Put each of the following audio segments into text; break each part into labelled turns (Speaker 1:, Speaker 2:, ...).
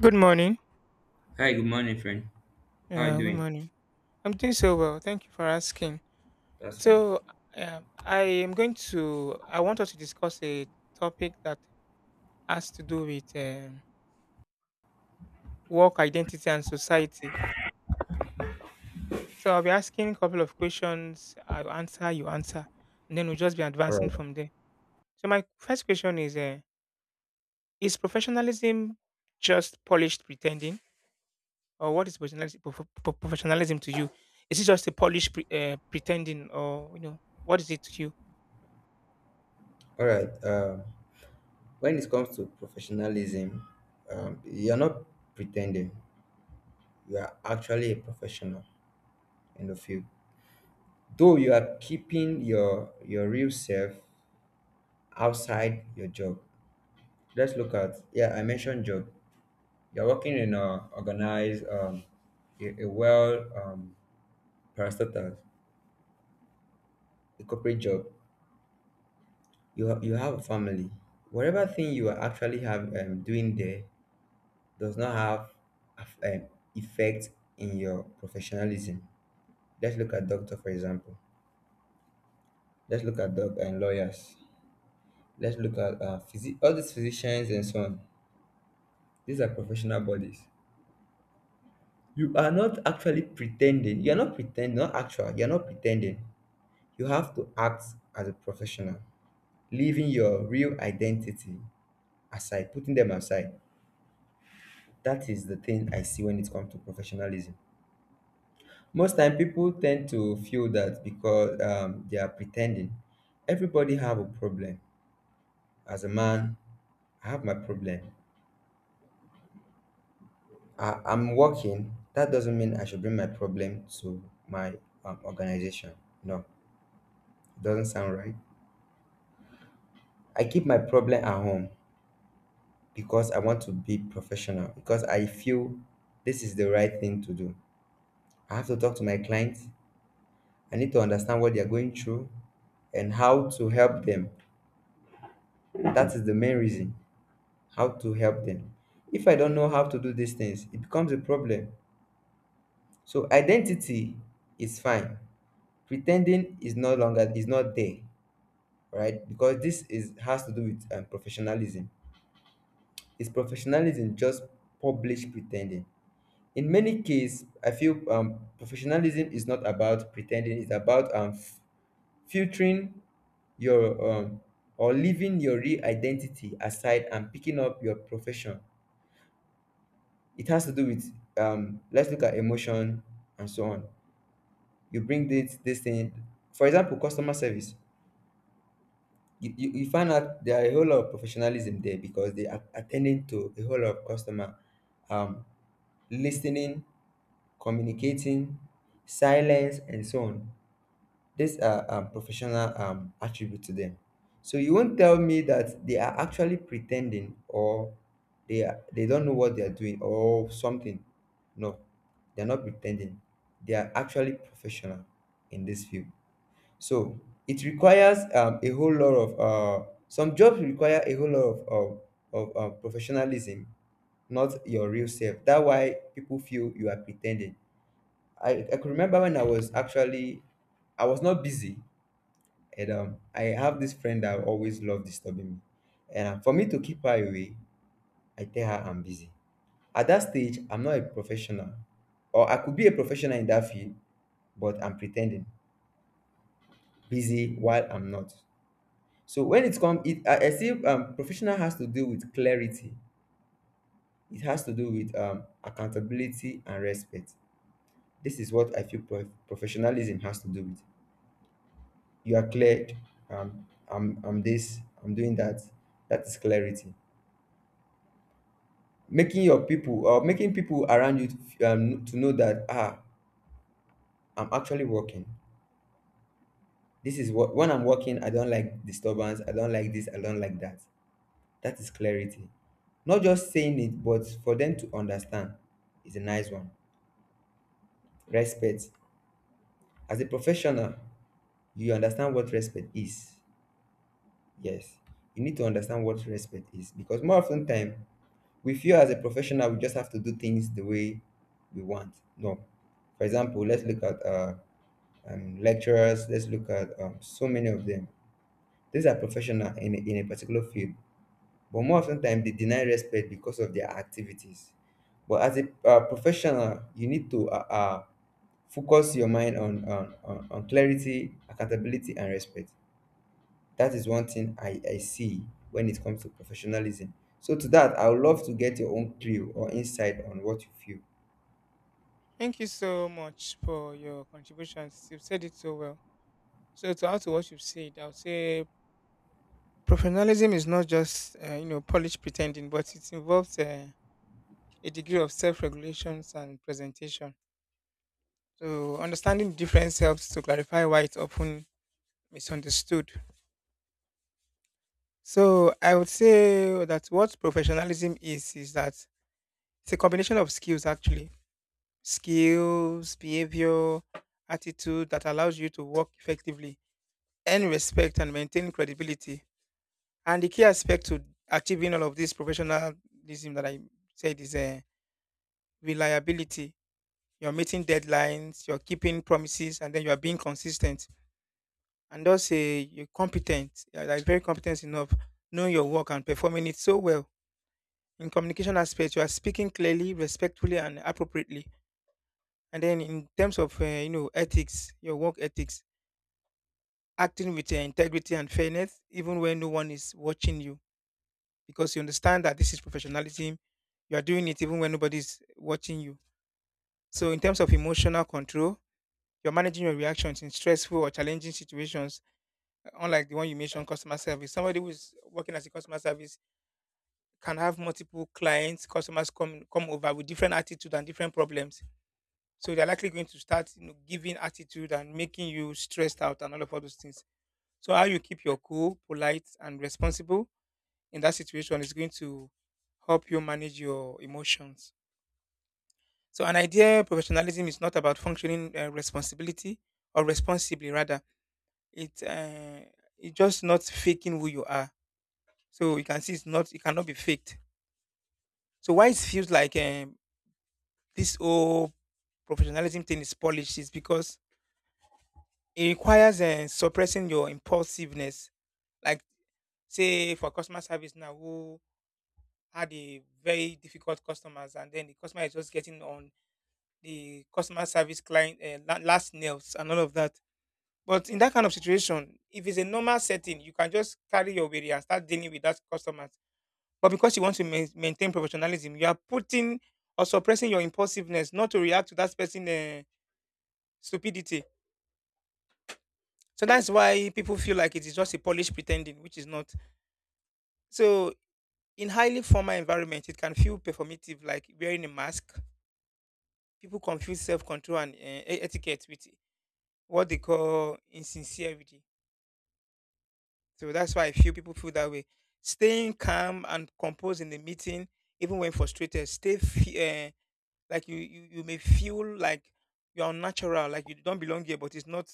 Speaker 1: Good morning.
Speaker 2: Hi, good morning, friend. How are you
Speaker 1: Yeah, good
Speaker 2: doing?
Speaker 1: morning. I'm doing so well. Thank you for asking.
Speaker 2: That's fine.
Speaker 1: So, I am going to. I want us to discuss a topic that has to do with work identity and society. So, I'll be asking a couple of questions. I'll answer. You answer, and then we'll just be
Speaker 2: All
Speaker 1: advancing
Speaker 2: right.
Speaker 1: from there. So, my first question is: is professionalism just polished pretending, or what is professionalism, professionalism to you? Is it just a polished pretending, or what is it to you?
Speaker 2: All right. When it comes to professionalism, you're not pretending. You are actually a professional in the field. Though you are keeping your real self outside your job. Let's look at, yeah, I mentioned job. You're working in a organized, a well parastatal, a corporate job. You have a family. Whatever thing you are actually have doing there does not have af- um, effect in your professionalism. Let's look at doctor for example. Let's look at doc and lawyers. Let's look at all these physicians and so on. These are professional bodies. You are not actually pretending. You are not pretending. Not actual. You are not pretending. You have to act as a professional, leaving your real identity aside, putting them aside. That is the thing I see when it comes to professionalism. Most time people tend to feel that because they are pretending. Everybody have a problem. As a man, I have my problem. I'm working. That doesn't mean I should bring my problem to my organization. No, it doesn't sound right. I keep my problem at home because I want to be professional, because I feel this is the right thing to do. I have to talk to my clients. I need to understand what they are going through and how to help them. That is the main reason. How to help them. If I don't know how to do these things, it becomes a problem. So identity is fine. Pretending is no longer is not there, right? Because this is has to do with professionalism. Is professionalism just publish pretending? In many cases, I feel professionalism is not about pretending. It's about filtering your or leaving your real identity aside and picking up your profession. It has to do with let's look at emotion and so on. You bring this thing, for example customer service. You find out there are a whole lot of professionalism there because they are attending to a whole lot of customer, um listening, communicating, silence and so on. These are professional attribute to them. So you won't tell me that they are actually pretending, or they don't know what they are doing or something. No, they are not pretending. They are actually professional in this field. So it requires a whole lot of some jobs require a whole lot of professionalism, not your real self. That's why people feel you are pretending. I could remember when I was actually I was not busy, and I have this friend that always love disturbing me. And for me to keep her away, I tell her I'm busy. At that stage, I'm not a professional, or I could be a professional in that field, but I'm pretending busy while I'm not. So when it comes, I see professional has to do with clarity. It has to do with accountability and respect. This is what I feel professionalism has to do with. You are cleared. I'm this. I'm doing that. That is clarity, making your people or making people around you to know that I'm actually working. This is what, when I'm working, I don't like disturbance, I don't like this, I don't like that. That is clarity. Not just saying it, but for them to understand is a nice one. Respect. As a professional, you understand what respect is. Yes, you need to understand what respect is, because more often time we feel as a professional we just have to do things the way we want. No. For example, let's look at lecturers. Let's look at so many of them. These are professional in a particular field, but more often time they deny respect because of their activities. But as a professional, you need to focus your mind on clarity, accountability and respect. That is one thing I see when it comes to professionalism. So to that, I would love to get your own clue or insight on what you feel.
Speaker 1: Thank you so much for your contributions. You've said it so well. So to add to what you've said, I would say professionalism is not just polished pretending, but it involves a degree of self-regulations and presentation. So understanding the difference helps to clarify why it's often misunderstood. So I would say that what professionalism is that it's a combination of skills actually, skills, behavior, attitude that allows you to work effectively, earn respect and maintain credibility. And the key aspect to achieving all of this professionalism that I said is reliability. You're meeting deadlines, you're keeping promises, and then you're being consistent. And also, you're competent, you're like very competent enough, knowing your work and performing it so well. In communication aspect, you are speaking clearly, respectfully, and appropriately. And then, in terms of ethics, your work ethics, acting with integrity and fairness, even when no one is watching you, because you understand that this is professionalism. You are doing it even when nobody's watching you. So, in terms of emotional control, you're managing your reactions in stressful or challenging situations, unlike the one you mentioned, customer service. Somebody who is working as a customer service can have multiple clients, customers come over with different attitude and different problems. So they're likely going to start giving attitude and making you stressed out and all of all those things. So how you keep your cool, polite, and responsible in that situation is going to help you manage your emotions. So an idea professionalism is not about functioning responsibility or responsibly rather. It uh, it's just not faking who you are. So you can see it's not, it cannot be faked. So why it feels like this whole professionalism thing is polished is because it requires suppressing your impulsiveness. Like say for customer service now who had a very difficult customers and then the customer is just getting on the customer service client last nails and all of that. But in that kind of situation, if it's a normal setting, you can just carry your worry and start dealing with that customers. But because you want to maintain professionalism, you are putting or suppressing your impulsiveness not to react to that person's stupidity. So that's why people feel like it is just a polished pretending, which is not. So in highly formal environment, it can feel performative, like wearing a mask. People confuse self-control and etiquette with what they call insincerity. So that's why a few people feel that way. Staying calm and composed in the meeting, even when frustrated, like you may feel like you're unnatural, like you don't belong here, but it's not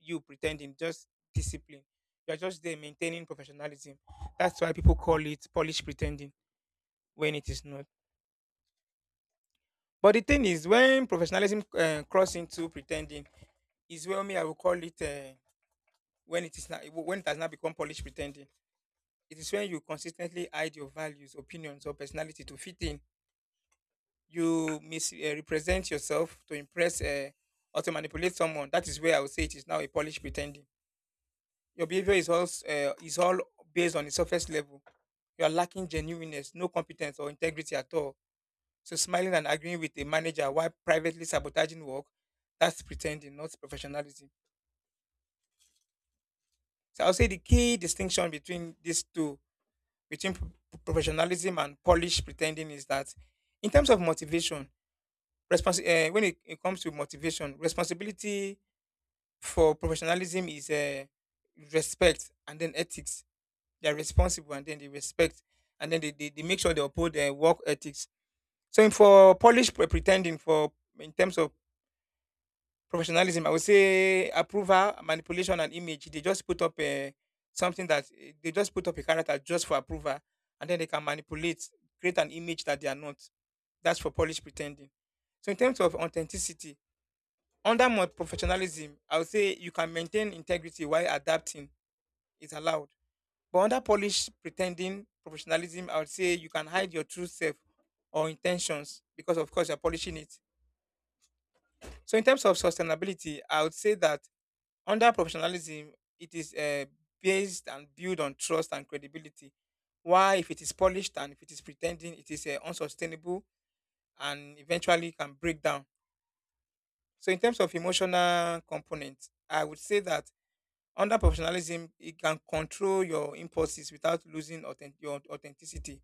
Speaker 1: you pretending, just discipline. You're just there maintaining professionalism. That's why people call it Polish pretending when it is not. But the thing is, when professionalism cross into pretending, is where me I will call it when it is not, when it has not become Polish pretending. It is when you consistently hide your values, opinions, or personality to fit in. You misrepresent yourself to impress or to manipulate someone. That is where I would say it is now a polished pretending. Your behavior is is all based on the surface level. You are lacking genuineness, no competence or integrity at all. So smiling and agreeing with a manager while privately sabotaging work, that's pretending, not professionalism. So I'll say the key distinction between these two, between professionalism and polished pretending is that in terms of motivation, when it comes to motivation, responsibility for professionalism is respect and then ethics. They are responsible and then they respect and then they make sure they uphold their work ethics. So in for pretending for in terms of professionalism. I would say approval, manipulation, and image. They just put up a something that they just put up a character just for approval, and then they can manipulate, create an image that they are not. That's for polish pretending. So in terms of authenticity, under more professionalism, I would say you can maintain integrity while adapting. It's allowed. But under polish pretending professionalism, I would say you can hide your true self or intentions because of course you're polishing it. So in terms of sustainability, I would say that under professionalism, it is based and built on trust and credibility. Why, if it is polished and if it is pretending, it is unsustainable and eventually can break down. So, in terms of emotional component, I would say that under professionalism, it can control your impulses without losing your authenticity.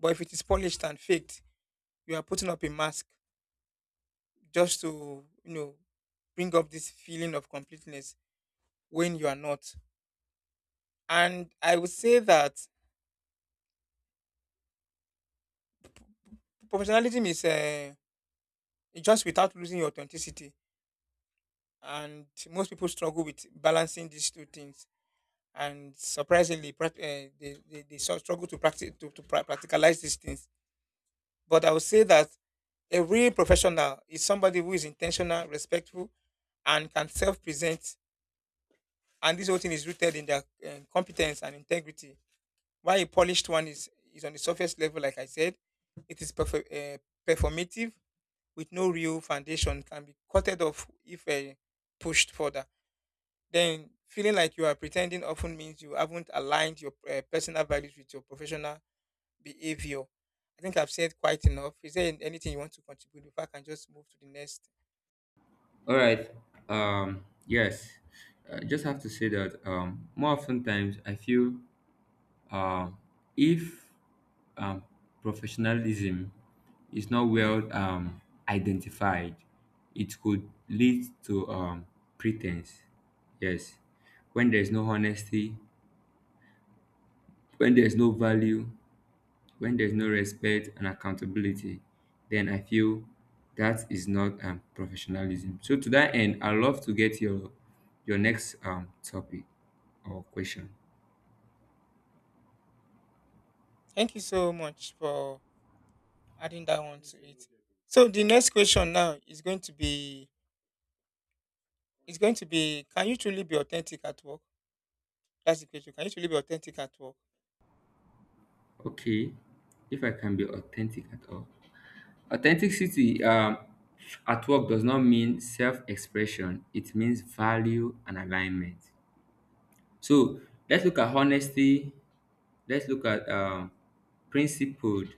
Speaker 1: But if it is polished and faked, you are putting up a mask just to, you know, bring up this feeling of completeness when you are not. And I would say that professionalism is just without losing your authenticity, and most people struggle with balancing these two things. And surprisingly, they struggle to practice to, practicalize these things. But I would say that a real professional is somebody who is intentional, respectful, and can self-present. And this whole thing is rooted in their competence and integrity. While a polished one is on the surface level, like I said, it is performative with no real foundation, can be cutted off if pushed further. Then feeling like you are pretending often means you haven't aligned your personal values with your professional behavior. I think I've said quite enough. Is there anything you want to contribute before I can just move to the next?
Speaker 2: All right. Yes. I just have to say that more often times I feel, um, if, um, professionalism is not well identified, it could lead to pretense. Yes. When there's no honesty, when there's no value, when there's no respect and accountability, then I feel that is not professionalism. So to that end, I love to get your next topic or question.
Speaker 1: Thank you so much for adding that one to it. So the next question now is going to be: can you truly be authentic at work? That's the question. Can you truly be authentic at work?
Speaker 2: Okay, if I can be authentic at all. Authenticity, at work, does not mean self-expression. It means value and alignment. So let's look at honesty. Let's look at principled,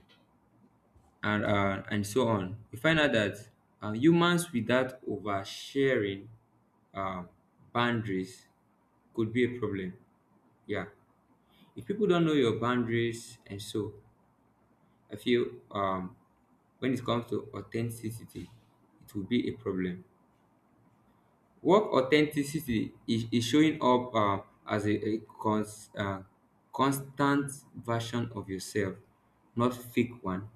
Speaker 2: and and so on. We find out that humans without oversharing um, boundaries could be a problem. Yeah, if people don't know your boundaries. And so I feel, when it comes to authenticity, it will be a problem. Work authenticity is showing up as a constant version of yourself, not fake one.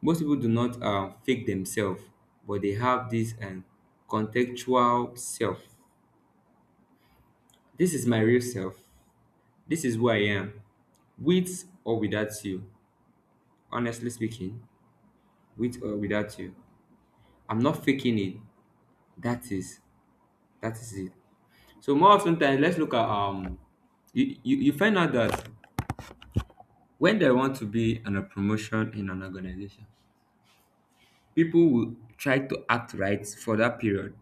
Speaker 2: Most people do not fake themselves, but they have this contextual self. This is my real self. This is who I am, with or without you. Honestly speaking, with or without you, I'm not faking it. That is that is it. So more often times let's look at, you find out that when they want to be on a promotion in an organization, people will try to act right for that period.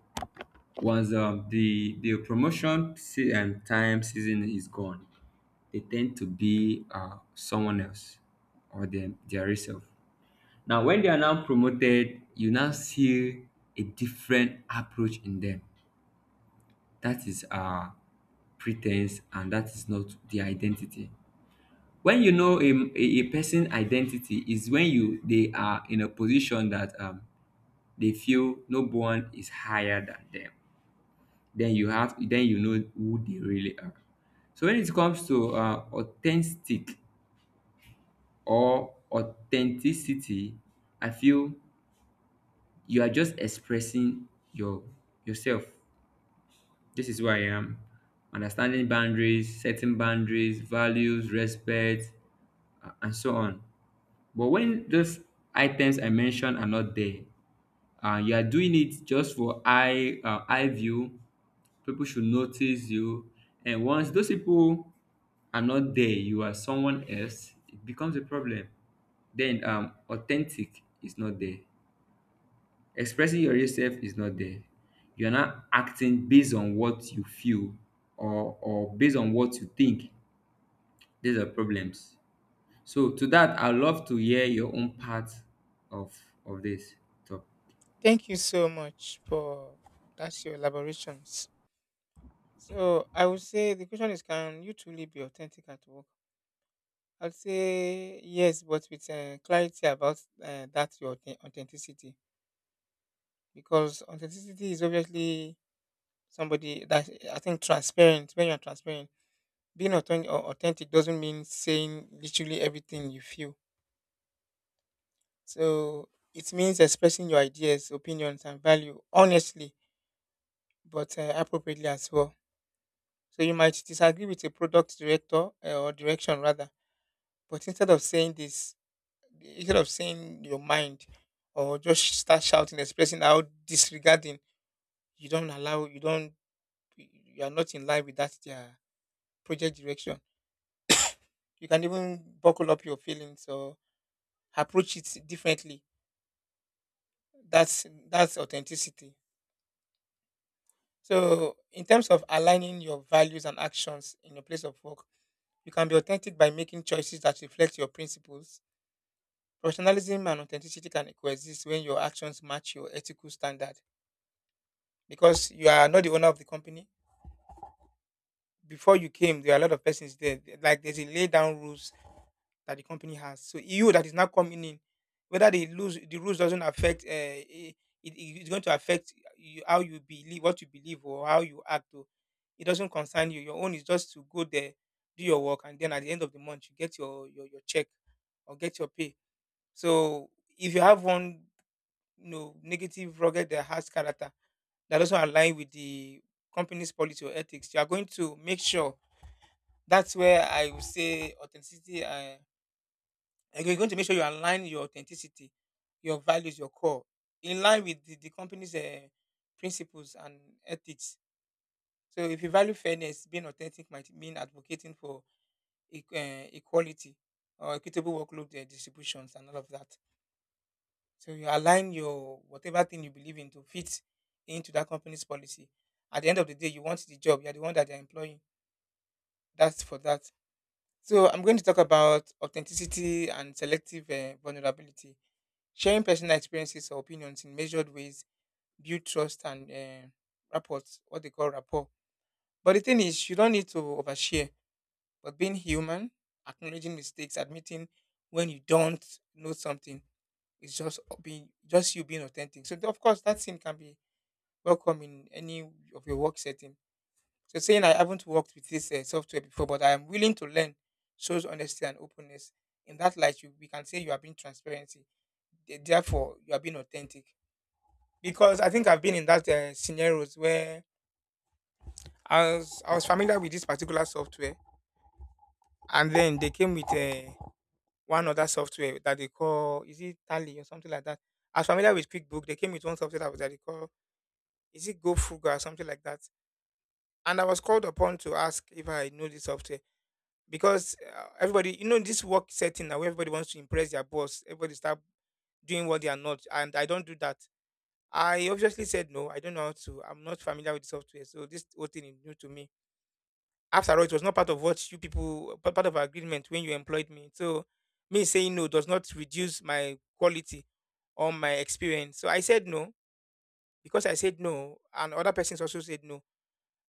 Speaker 2: Once, the promotion time season is gone, they tend to be someone else, or them their self. Now, when they are now promoted, you now see a different approach in them. That is pretense, and that is not the identity. When you know a person identity is when you they are in a position that they feel no one is higher than them. Then you know who they really are. So when it comes to authentic or authenticity, I feel you are just expressing yourself. This is who I am. Understanding boundaries, setting boundaries, values, respect, and so on. But when those items I mentioned are not there, you are doing it just for eye view. People should notice you, and once those people I'm not there, you are someone else, it becomes a problem. Then authentic is not there. Expressing your real self is not there. You're not acting based on what you feel, or based on what you think. These are problems. So to that, I love to hear your own part of of this talk.
Speaker 1: Thank you so much for that's your elaborations. So I would say the question is, can you truly be authentic at work? I'd say yes, but with clarity about that your authenticity, because authenticity is obviously somebody that I think transparent. When you're transparent, being authentic doesn't mean saying literally everything you feel. So it means expressing your ideas, opinions, and value honestly, but appropriately as well. So you might disagree with a product director or direction rather, but instead of saying your mind or just start shouting, expressing how disregarding you don't allow, you don't, you are not in line with that their project direction. You can even buckle up your feelings or approach it differently. That's authenticity. So, in terms of aligning your values and actions in your place of work, you can be authentic by making choices that reflect your principles. Professionalism and authenticity can coexist when your actions match your ethical standard, because you are not the owner of the company. Before you came, there are a lot of persons there. Like there's a lay down rules that the company has. So you that is now coming in, whether they lose the rules doesn't affect, it, it's going to affect you, how you believe, what you believe, or how you act. Or it doesn't concern you. Your own is just to go there, do your work, and then at the end of the month you get your your check or get your pay. So if you have one negative rugged that has character that doesn't align with the company's policy or ethics, you are going to make sure — that's where I would say authenticity. You're going to make sure you align your authenticity, your values, your core, in line with the company's principles and ethics. So, if you value fairness, being authentic might mean advocating for equality or equitable workload distributions and all of that. So, you align your whatever thing you believe in to fit into that company's policy. At the end of the day, you want the job. You're the one that they're employing. That's for that. So I'm going to talk about authenticity and selective vulnerability. Sharing personal experiences or opinions in measured ways build trust and rapport, what they call rapport. But the thing is, you don't need to overshare. But being human, acknowledging mistakes, admitting when you don't know something, is just being just you being authentic. So of course, that scene can be welcome in any of your work setting, so saying I haven't worked with this software before, but I am willing to learn shows honesty and openness. In that light, we can say you are being transparency. Therefore, you are being authentic. Because I think I've been in that scenarios where I was familiar with this particular software, and then they came with one other software that they call, is it Tally or something like that? I was familiar with QuickBook. They came with one software that, that they call, is it GoFuga or something like that? And I was called upon to ask if I know this software. Because everybody, you know, in this work setting now, where everybody wants to impress their boss, everybody start doing what they are not, and I don't do that. I obviously said no. I don't know how to. I'm not familiar with the software, so this whole thing is new to me. After all, it was not part of what you people, part of our agreement when you employed me. So, me saying no does not reduce my quality or my experience. So I said no because I said no, and other persons also said no,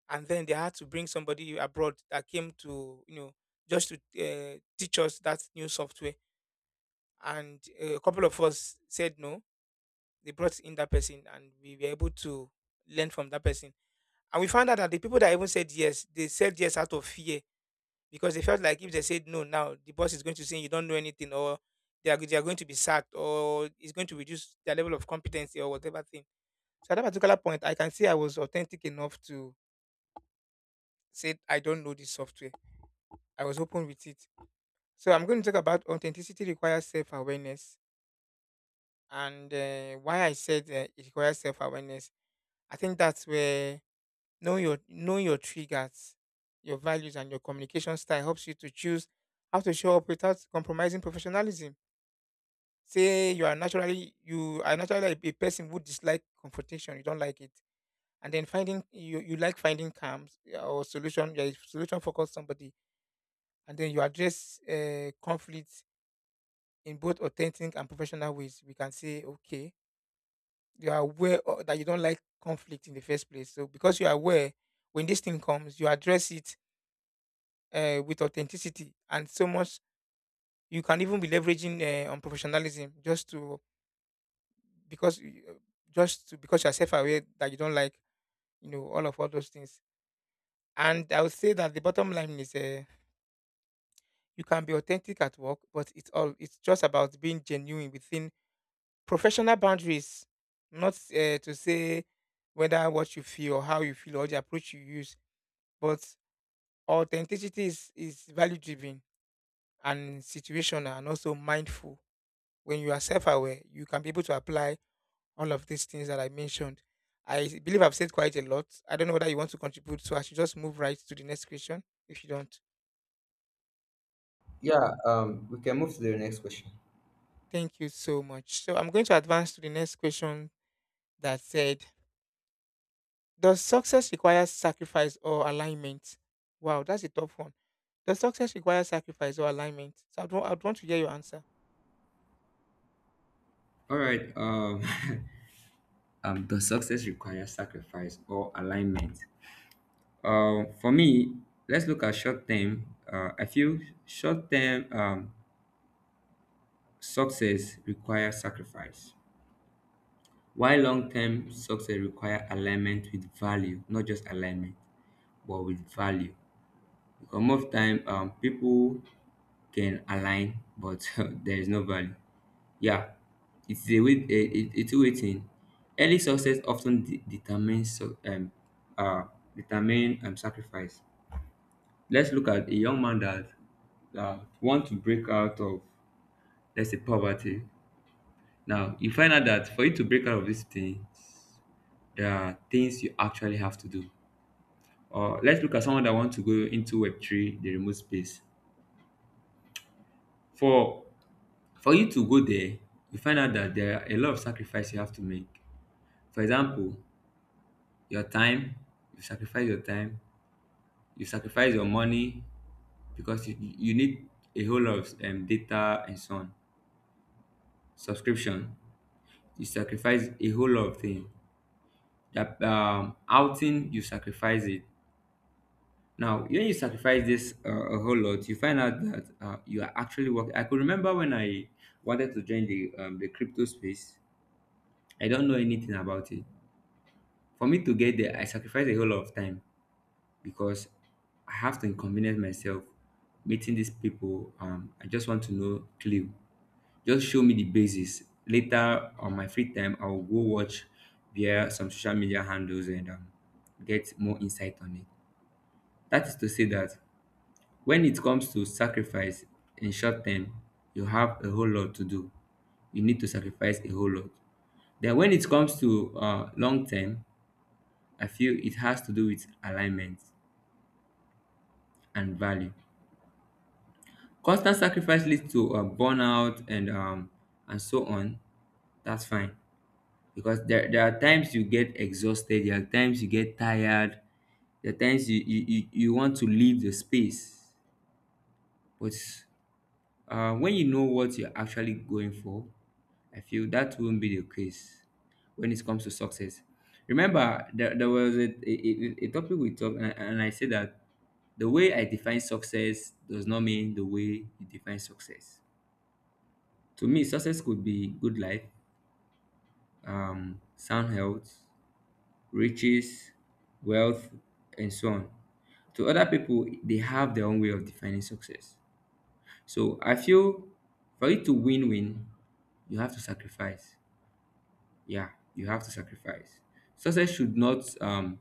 Speaker 1: and then they had to bring somebody abroad that came to, you know, just to teach us that new software. And a couple of us said no, they brought in that person and we were able to learn from that person, and we found out that the people that even said yes, they said yes out of fear, because they felt like if they said no now, the boss is going to say you don't know anything, or they are going to be sacked, or it's going to reduce their level of competency or whatever thing. So at that particular point, I can say I was authentic enough to say I don't know this software. I was open with it. So I'm going to talk about authenticity requires self-awareness, and why I said it requires self-awareness. I think that's where knowing your triggers, your values, and your communication style helps you to choose how to show up without compromising professionalism. Say you are naturally a person who dislike confrontation, you don't like it, and then finding you you like finding calms, or solution. You're a solution focused somebody, and then you address conflict in both authentic and professional ways. We can say, okay, you are aware that you don't like conflict in the first place. So because you are aware, when this thing comes, you address it with authenticity, and so much you can even be leveraging on professionalism just to because you- uh, just to because you're self-aware that you don't like, you know, all of all those things. And I would say that the bottom line is, you can be authentic at work, but it's all it's just about being genuine within professional boundaries, not to say whether what you feel or how you feel or the approach you use, but authenticity is value driven and situational and also mindful. When you are self aware, you can be able to apply all of these things that I mentioned. I believe I've said quite a lot. I don't know whether you want to contribute, so I should just move right to the next question if you don't.
Speaker 2: Yeah, we can move to the next question.
Speaker 1: Thank you so much. So I'm going to advance to the next question that said, does success require sacrifice or alignment? Wow, that's a tough one. Does success require sacrifice or alignment? So I'd want to hear your answer.
Speaker 2: All right. Does success require sacrifice or alignment? For me, let's look at short term. I feel short term success requires sacrifice, while long term success requires alignment with value, not just alignment, but with value. Because most time, people can align, but there is no value. Yeah, it's a wait, a two-way thing. Early success often determines so- uh, determine sacrifice. Let's look at a young man that want to break out of, let's say, poverty. Now you find out that for you to break out of these things there are things you actually have to do, or let's look at someone that wants to go into web3, the remote space. For for you to go there, you find out that there are a lot of sacrifice you have to make. For example, your time. You sacrifice your time, you sacrifice your money, because you need a whole lot of data and so on, subscription. You sacrifice a whole lot of things, that outing, you sacrifice it. Now when you sacrifice this, a whole lot, you find out that, you are actually working. I could remember when I wanted to join the, the crypto space. I don't know anything about it. For me to get there I sacrificed a whole lot of time, because I have to inconvenience myself meeting these people. I just want to know clue, just show me the basis. Later on my free time, I will go watch their some social media handles and get more insight on it. That is to say that when it comes to sacrifice in short term, you have a whole lot to do. You need to sacrifice a whole lot. Then when it comes to long term, I feel it has to do with alignment and value. Constant sacrifice leads to burnout and and so on. That's fine because there are times you get exhausted. There are times you get tired. There are times you want to leave the space, but When you know what you're actually going for, I feel that won't be the case when it comes to success. Remember, there was a topic we talked, and I said that the way I define success does not mean the way you define success. To me, success could be good life, sound health, riches, wealth, and so on. To other people, they have their own way of defining success. So I feel for it to win win, you have to sacrifice. Yeah, you have to sacrifice. Success should not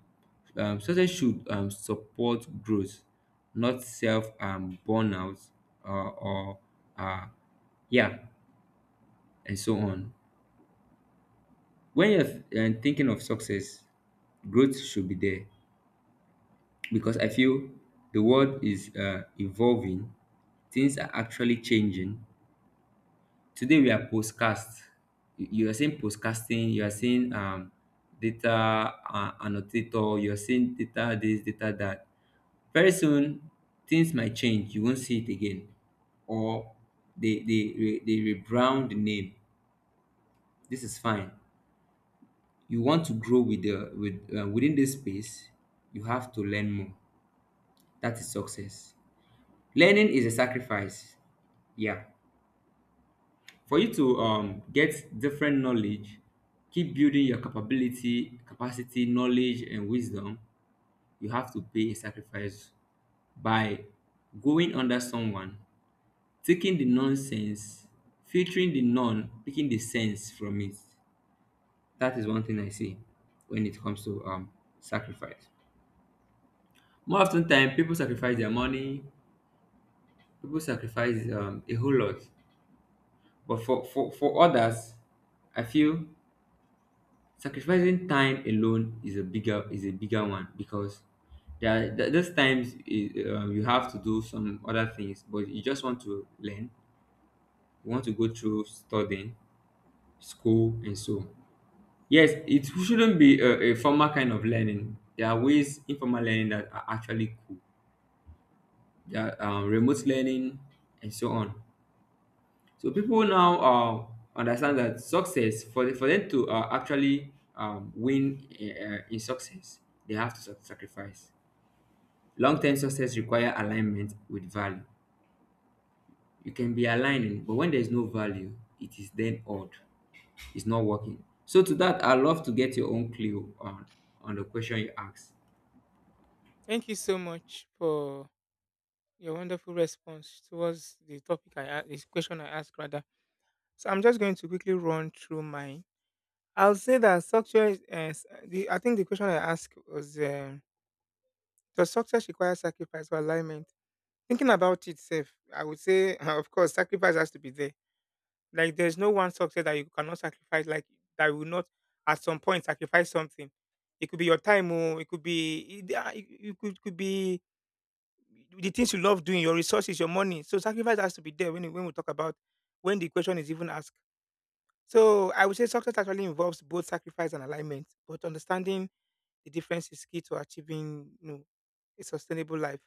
Speaker 2: success should support growth, not self burnout or uh yeah and so on. When you're thinking of success, growth should be there because I feel the world is evolving, things are actually changing. Today we are postcast. You are saying postcasting, you are saying data annotator, you are saying data this, data that. Very soon, things might change. You won't see it again. Or they rebrand the name. This is fine. You want to grow within this space, you have to learn more. That is success. Learning is a sacrifice. Yeah. For you to get different knowledge, keep building your capability, capacity, knowledge, and wisdom, you have to pay a sacrifice by going under someone, taking the nonsense, filtering the non picking the sense from it. That is one thing I see when it comes to sacrifice. More often time, people sacrifice their money, people sacrifice a whole lot, but for others, I feel sacrificing time alone is a bigger one because there are those times you have to do some other things, but you just want to learn. You want to go through studying, school, and so on. Yes, it shouldn't be a formal kind of learning. There are ways informal learning that are actually cool. There are remote learning and so on. So people now understand that success, for for them to actually win in success, they have to sacrifice. Long term success require alignment with value. You can be aligning, but when there is no value, it is then odd. It's not working. So to that, I love to get your own clue on the question you asked.
Speaker 1: Thank you so much for your wonderful response towards the topic I asked, this question I asked rather. So I'm just going to quickly run through mine. I'll say that success. I think the question I asked was, does success require sacrifice or alignment? Thinking about itself, I would say, of course, sacrifice has to be there. Like there's no one success that you cannot sacrifice. Like that will not at some point sacrifice something. It could be your time. Or it could be it, ah, it could be the things you love doing, your resources, your money. So sacrifice has to be there when we talk about when the question is even asked. So I would say success actually involves both sacrifice and alignment, but understanding the difference is key to achieving, you know, a sustainable life.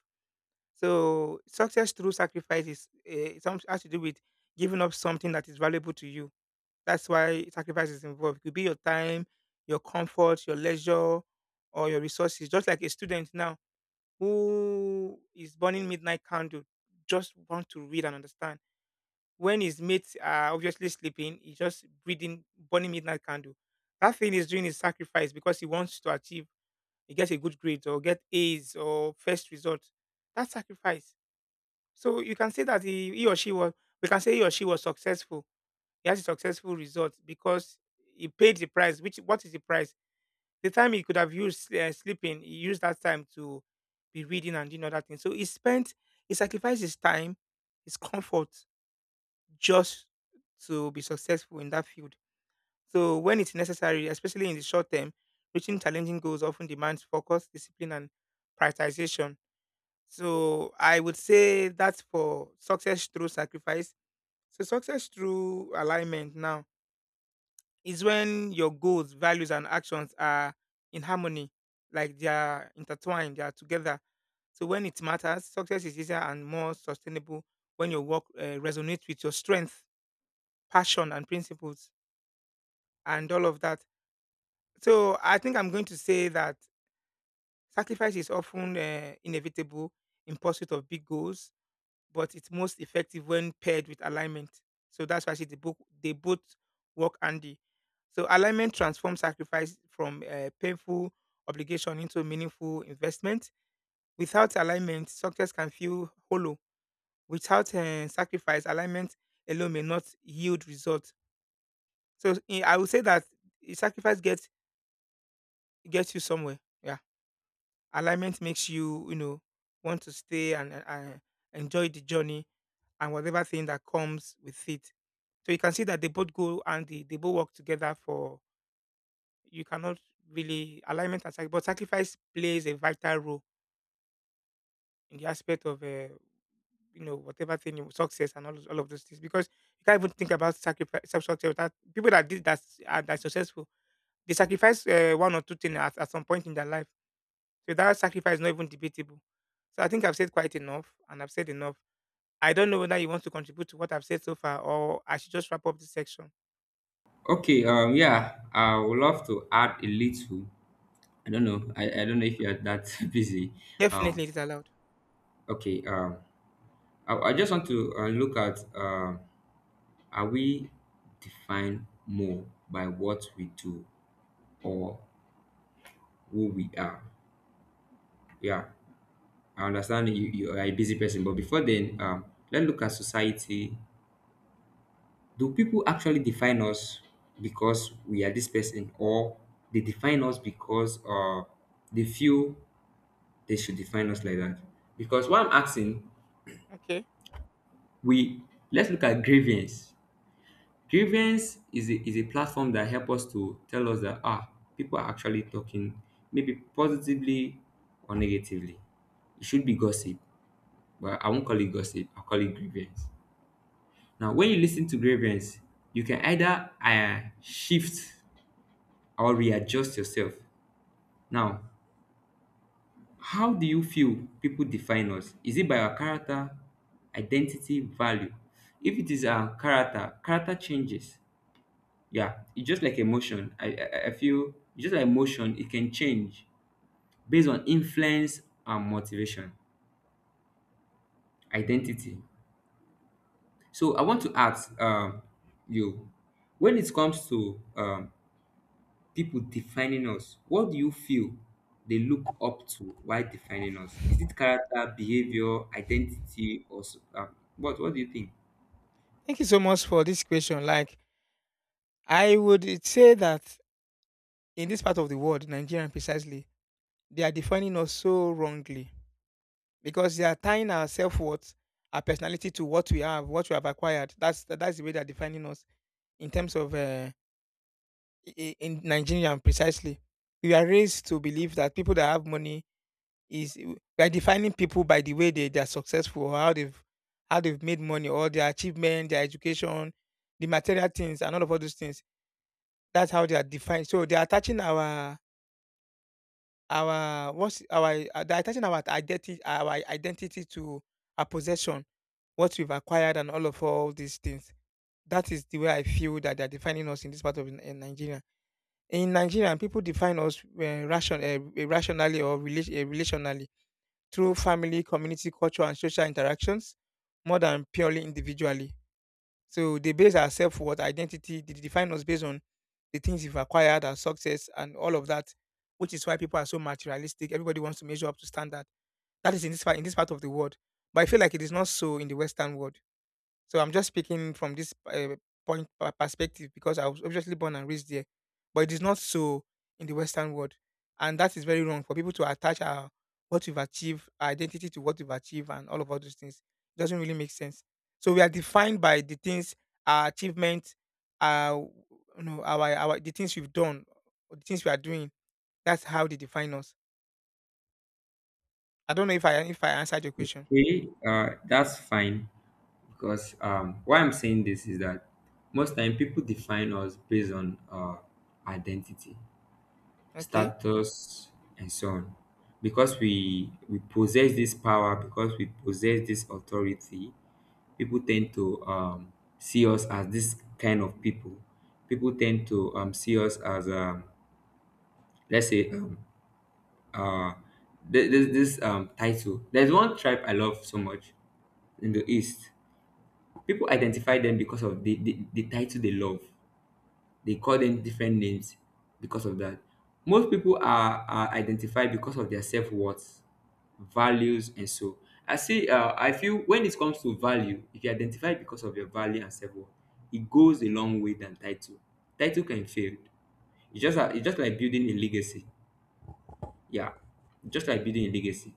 Speaker 1: So success through sacrifice is, some, has to do with giving up something that is valuable to you. That's why sacrifice is involved. It could be your time, your comfort, your leisure, or your resources. Just like a student now who is burning midnight candle, just want to read and understand. When his mates are obviously sleeping, he's just reading, burning midnight candle. That thing he's doing is sacrifice because he wants to achieve, he gets a good grade or get A's or first result. That's sacrifice. So you can say that he or she was, we can say he or she was successful. He has a successful result because he paid the price. Which what is the price? The time he could have used sleeping, he used that time to be reading and doing other things. So he sacrificed his time, his comfort, just to be successful in that field. So when it's necessary, especially in the short term, reaching challenging goals often demands focus, discipline, and prioritization. So I would say that's for success through sacrifice. So success through alignment now is when your goals, values, and actions are in harmony, like they are intertwined, they are together. So when it matters, success is easier and more sustainable when your work resonates with your strength, passion, and principles, and all of that. So I think I'm going to say that sacrifice is often inevitable in pursuit of big goals, but it's most effective when paired with alignment. So that's why I say the book they both work handy. So alignment transforms sacrifice from a painful obligation into meaningful investment. Without alignment, success can feel hollow. Without sacrifice, alignment alone may not yield results. So I would say that sacrifice gets you somewhere. Yeah, alignment makes you, you know, want to stay and, and enjoy the journey and whatever thing that comes with it. So you can see that they both go and they both work together for you cannot really alignment and sacrifice, but sacrifice plays a vital role in the aspect of, you know, whatever thing you success and all, all of those things, because you can't even think about sacrifice success without people that did that are that successful. They sacrifice one or two things at some point in their life, so that sacrifice is not even debatable. So I think I've said quite enough and I've said enough. I don't know whether you want to contribute to what I've said so far or I should just wrap up this section.
Speaker 2: Okay, yeah, I would love to add a little. I don't know. I don't know if you are that busy. Um,
Speaker 1: Definitely it is allowed.
Speaker 2: okay, I just want to look at are we defined more by what we do or who we are? Yeah, I understand you are a busy person, but before then, let's look at society. Do people actually define us because we are this person, or they define us because they feel they should define us like that? Because what I'm asking,
Speaker 1: Okay.
Speaker 2: we let's look at grievance. Grievance is is a platform that help us to tell us that ah people are actually talking, maybe positively or negatively. It should be gossip, but I won't call it gossip. I'll call it grievance. Now, when you listen to grievance, you can either shift or readjust yourself. Now, how do you feel people define us? Is it by our character, identity, value? If it is our character, character changes. Yeah, it's just like emotion. I feel it's just like emotion, it can change based on influence and motivation, identity. So I want to ask you, when it comes to people defining us, what do you feel they look up to while defining us? Is it character, behavior, identity, or what do you think?
Speaker 1: Thank you so much for this question. Like, I would say that in this part of the world, Nigerian, precisely, they are defining us so wrongly, because they are tying our self worth, our personality to what we have acquired. That's the way they are defining us in terms of, i- in Nigeria precisely, we are raised to believe that people that have money is, we are defining people by the way they are successful or how they've made money or their achievement, their education, the material things and all of all those things. That's how they are defined. So they are attaching our what's our they're attaching our identity to our possession, what we've acquired and all of all these things. That is the way I feel that they're defining us in this part of in Nigeria. In Nigeria, people define us rationally or relationally through family, community, culture, and social interactions more than purely individually. So they base our self worth, identity, they define us based on the things we've acquired, our success, and all of that, which is why people are so materialistic. Everybody wants to measure up to standard. That is in this part of the world. But I feel like it is not so in the Western world. So I'm just speaking from this perspective, because I was obviously born and raised there, but it is not so in the Western world, and that is very wrong for people to attach our what we've achieved, our identity to what we've achieved, and all of all those things. It doesn't really make sense. So we are defined by the things, our achievements, our, you know, our the things we've done, or the things we are doing. That's how they define us. I don't know if I answered your question.
Speaker 2: Okay, that's fine, because why I'm saying this is that most time people define us based on identity,
Speaker 1: Okay.
Speaker 2: status, and so on. Because we possess this power, because we possess this authority, people tend to see us as this kind of people. People tend to see us as let's say um, uh, this title. There's one tribe I love so much in the east. People identify them because of the title they love. They call them different names because of that. Most people are identified because of their self worth, values, and so. I see. I feel when it comes to value, if you identify because of your value and self worth, it goes a long way than title. Title can fail. It's just, it's just like building a legacy. Yeah, just like building a legacy.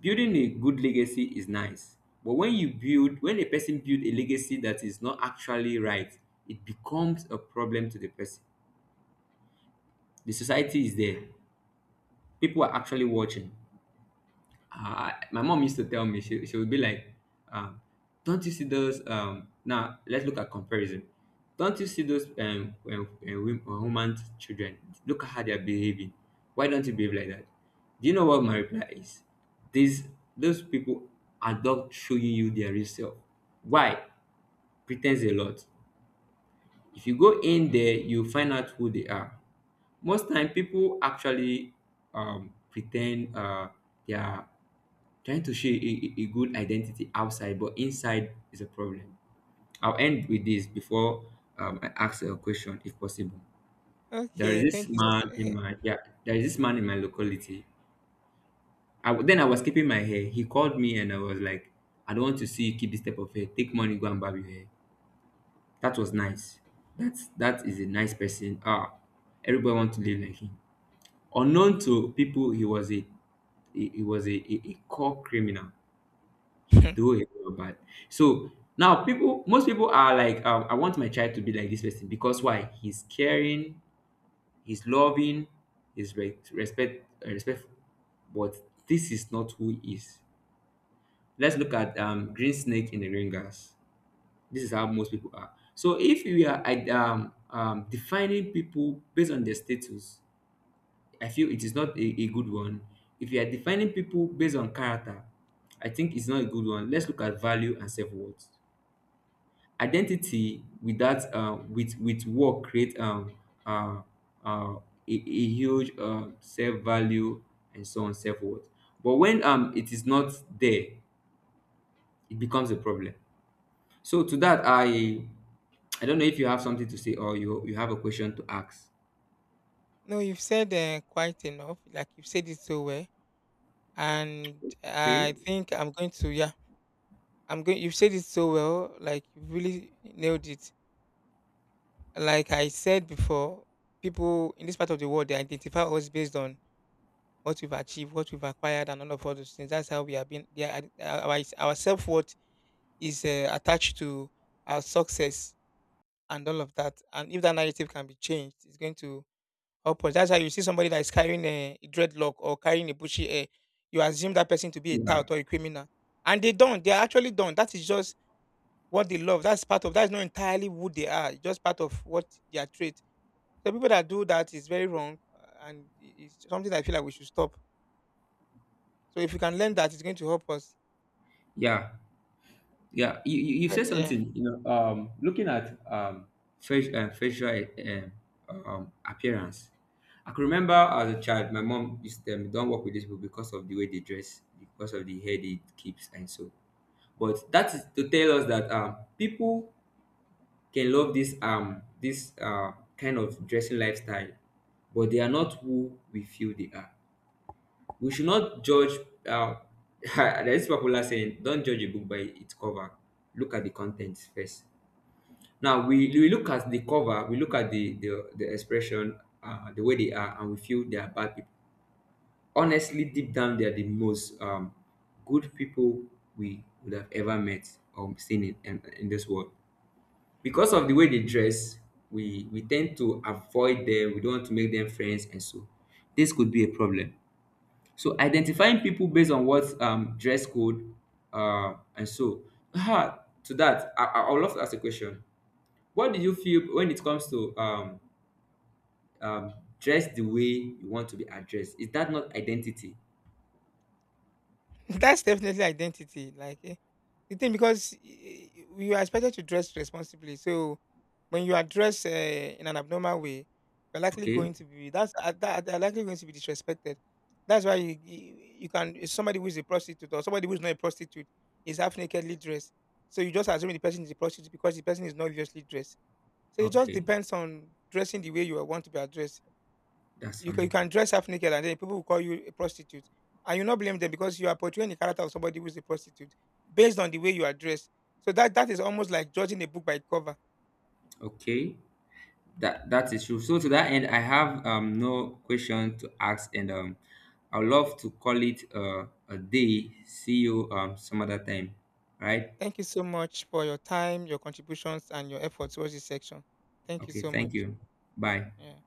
Speaker 2: Building a good legacy is nice, but when a person build a legacy that is not actually right, it becomes a problem to the person. The society is there. People are actually watching. My mom used to tell me, she would be like, um, "Don't you see those? Now let's look at comparison. Don't you see those woman's children? Look at how they are behaving. Why don't you behave like that? Do you know what my reply is? These those people are not showing you their real self. Why? Pretends a lot. If you go in there, you find out who they are. Most time, people actually pretend they are trying to show a good identity outside, but inside is a problem. I'll end with this before I ask a question, if possible. There is
Speaker 1: Okay.
Speaker 2: this
Speaker 1: Thank you.
Speaker 2: man in my yeah, there is this man in my locality. Then I was keeping my hair. He called me and I was like, I don't want to see you keep this type of hair. Take money, go and barb your hair. That was nice. That is a nice person. Ah, everybody want to live like him. Unknown to people, he was a he was a core criminal. He
Speaker 1: Eh,
Speaker 2: do a lot of bad. So now people, most people are like, I want my child to be like this person because why? He's caring, he's loving, he's respectful. But this is not who he is. Let's look at Green Snake in the Ringers. This is how most people are. So if we are defining people based on their status, I feel it is not a good one. If you are defining people based on character, I think it's not a good one. Let's look at value and self worth. Identity with that with work create uh, uh, a, a huge self value and so on, self worth. But when it is not there, it becomes a problem. So to that, I don't know if you have something to say or you have a question to ask.
Speaker 1: No, you've said quite enough. Like you've said it so well, and I
Speaker 2: Okay.
Speaker 1: think I'm going to. Yeah, I'm going. You've said it so well. Like you really nailed it. Like I said before, people in this part of the world, they identify us based on what we've achieved, what we've acquired, and all of all those things. That's how we have been. Yeah, our self worth is attached to our success and all of that. And if that narrative can be changed, it's going to upwards. That's how you see somebody that is carrying a dreadlock or carrying a bushy hair. You assume that person to be a tout
Speaker 2: Yeah.
Speaker 1: or a criminal. And they don't. They are actually don't. That is just what they love. That's part of, that's not entirely who they are. It's just part of what their trait. So people that do that is very wrong, it's something that I feel like we should stop. So if we can learn that, it's going to help us.
Speaker 2: Yeah. Yeah. You said
Speaker 1: Yeah.
Speaker 2: something. You know. Looking at facial facial appearance. I can remember as a child, my mom used to tell me, "Don't work with these people because of the way they dress, because of the hair they keeps, and so." But that is to tell us that people can love this kind of dressing lifestyle, but they are not who we feel they are. We should not judge. Uh, there is popular saying, "Don't judge a book by its cover. Look at the content first." Now we look at the cover, we look at the expression, the way they are, and we feel they are bad people. Honestly, deep down, they are the most good people we would have ever met or seen in this world. Because of the way they dress, we tend to avoid them. We don't want to make them friends, and so this could be a problem. So identifying people based on what dress code and so ah, to that, I would love to ask a question. What do you feel when it comes to um, dress the way you want to be addressed? Is that not identity?
Speaker 1: That's definitely identity. Like the thing, because you are expected to dress responsibly. So when you are dressed in an abnormal way, you're likely
Speaker 2: Okay,
Speaker 1: going to be, that they're likely going to be disrespected. That's why you can, if somebody who is a prostitute or somebody who is not a prostitute is half nakedly dressed. So you just assume the person is a prostitute because the person is not obviously dressed. So it just
Speaker 2: okay,
Speaker 1: depends on dressing the way you want to be addressed.
Speaker 2: that's
Speaker 1: You
Speaker 2: fine.
Speaker 1: can dress half naked and then people will call you a prostitute. And you not blame them, because you are portraying the character of somebody who is a prostitute based on the way you are dressed. So that is almost like judging a book by its cover.
Speaker 2: Okay, that that is true. So to that end, I have no question to ask, and I would love to call it a day. See you some other time. Right?
Speaker 1: Thank you so much for your time, your contributions, and your efforts towards this section. Thank you
Speaker 2: Okay.
Speaker 1: so
Speaker 2: Thank
Speaker 1: much.
Speaker 2: you. Bye.
Speaker 1: Yeah.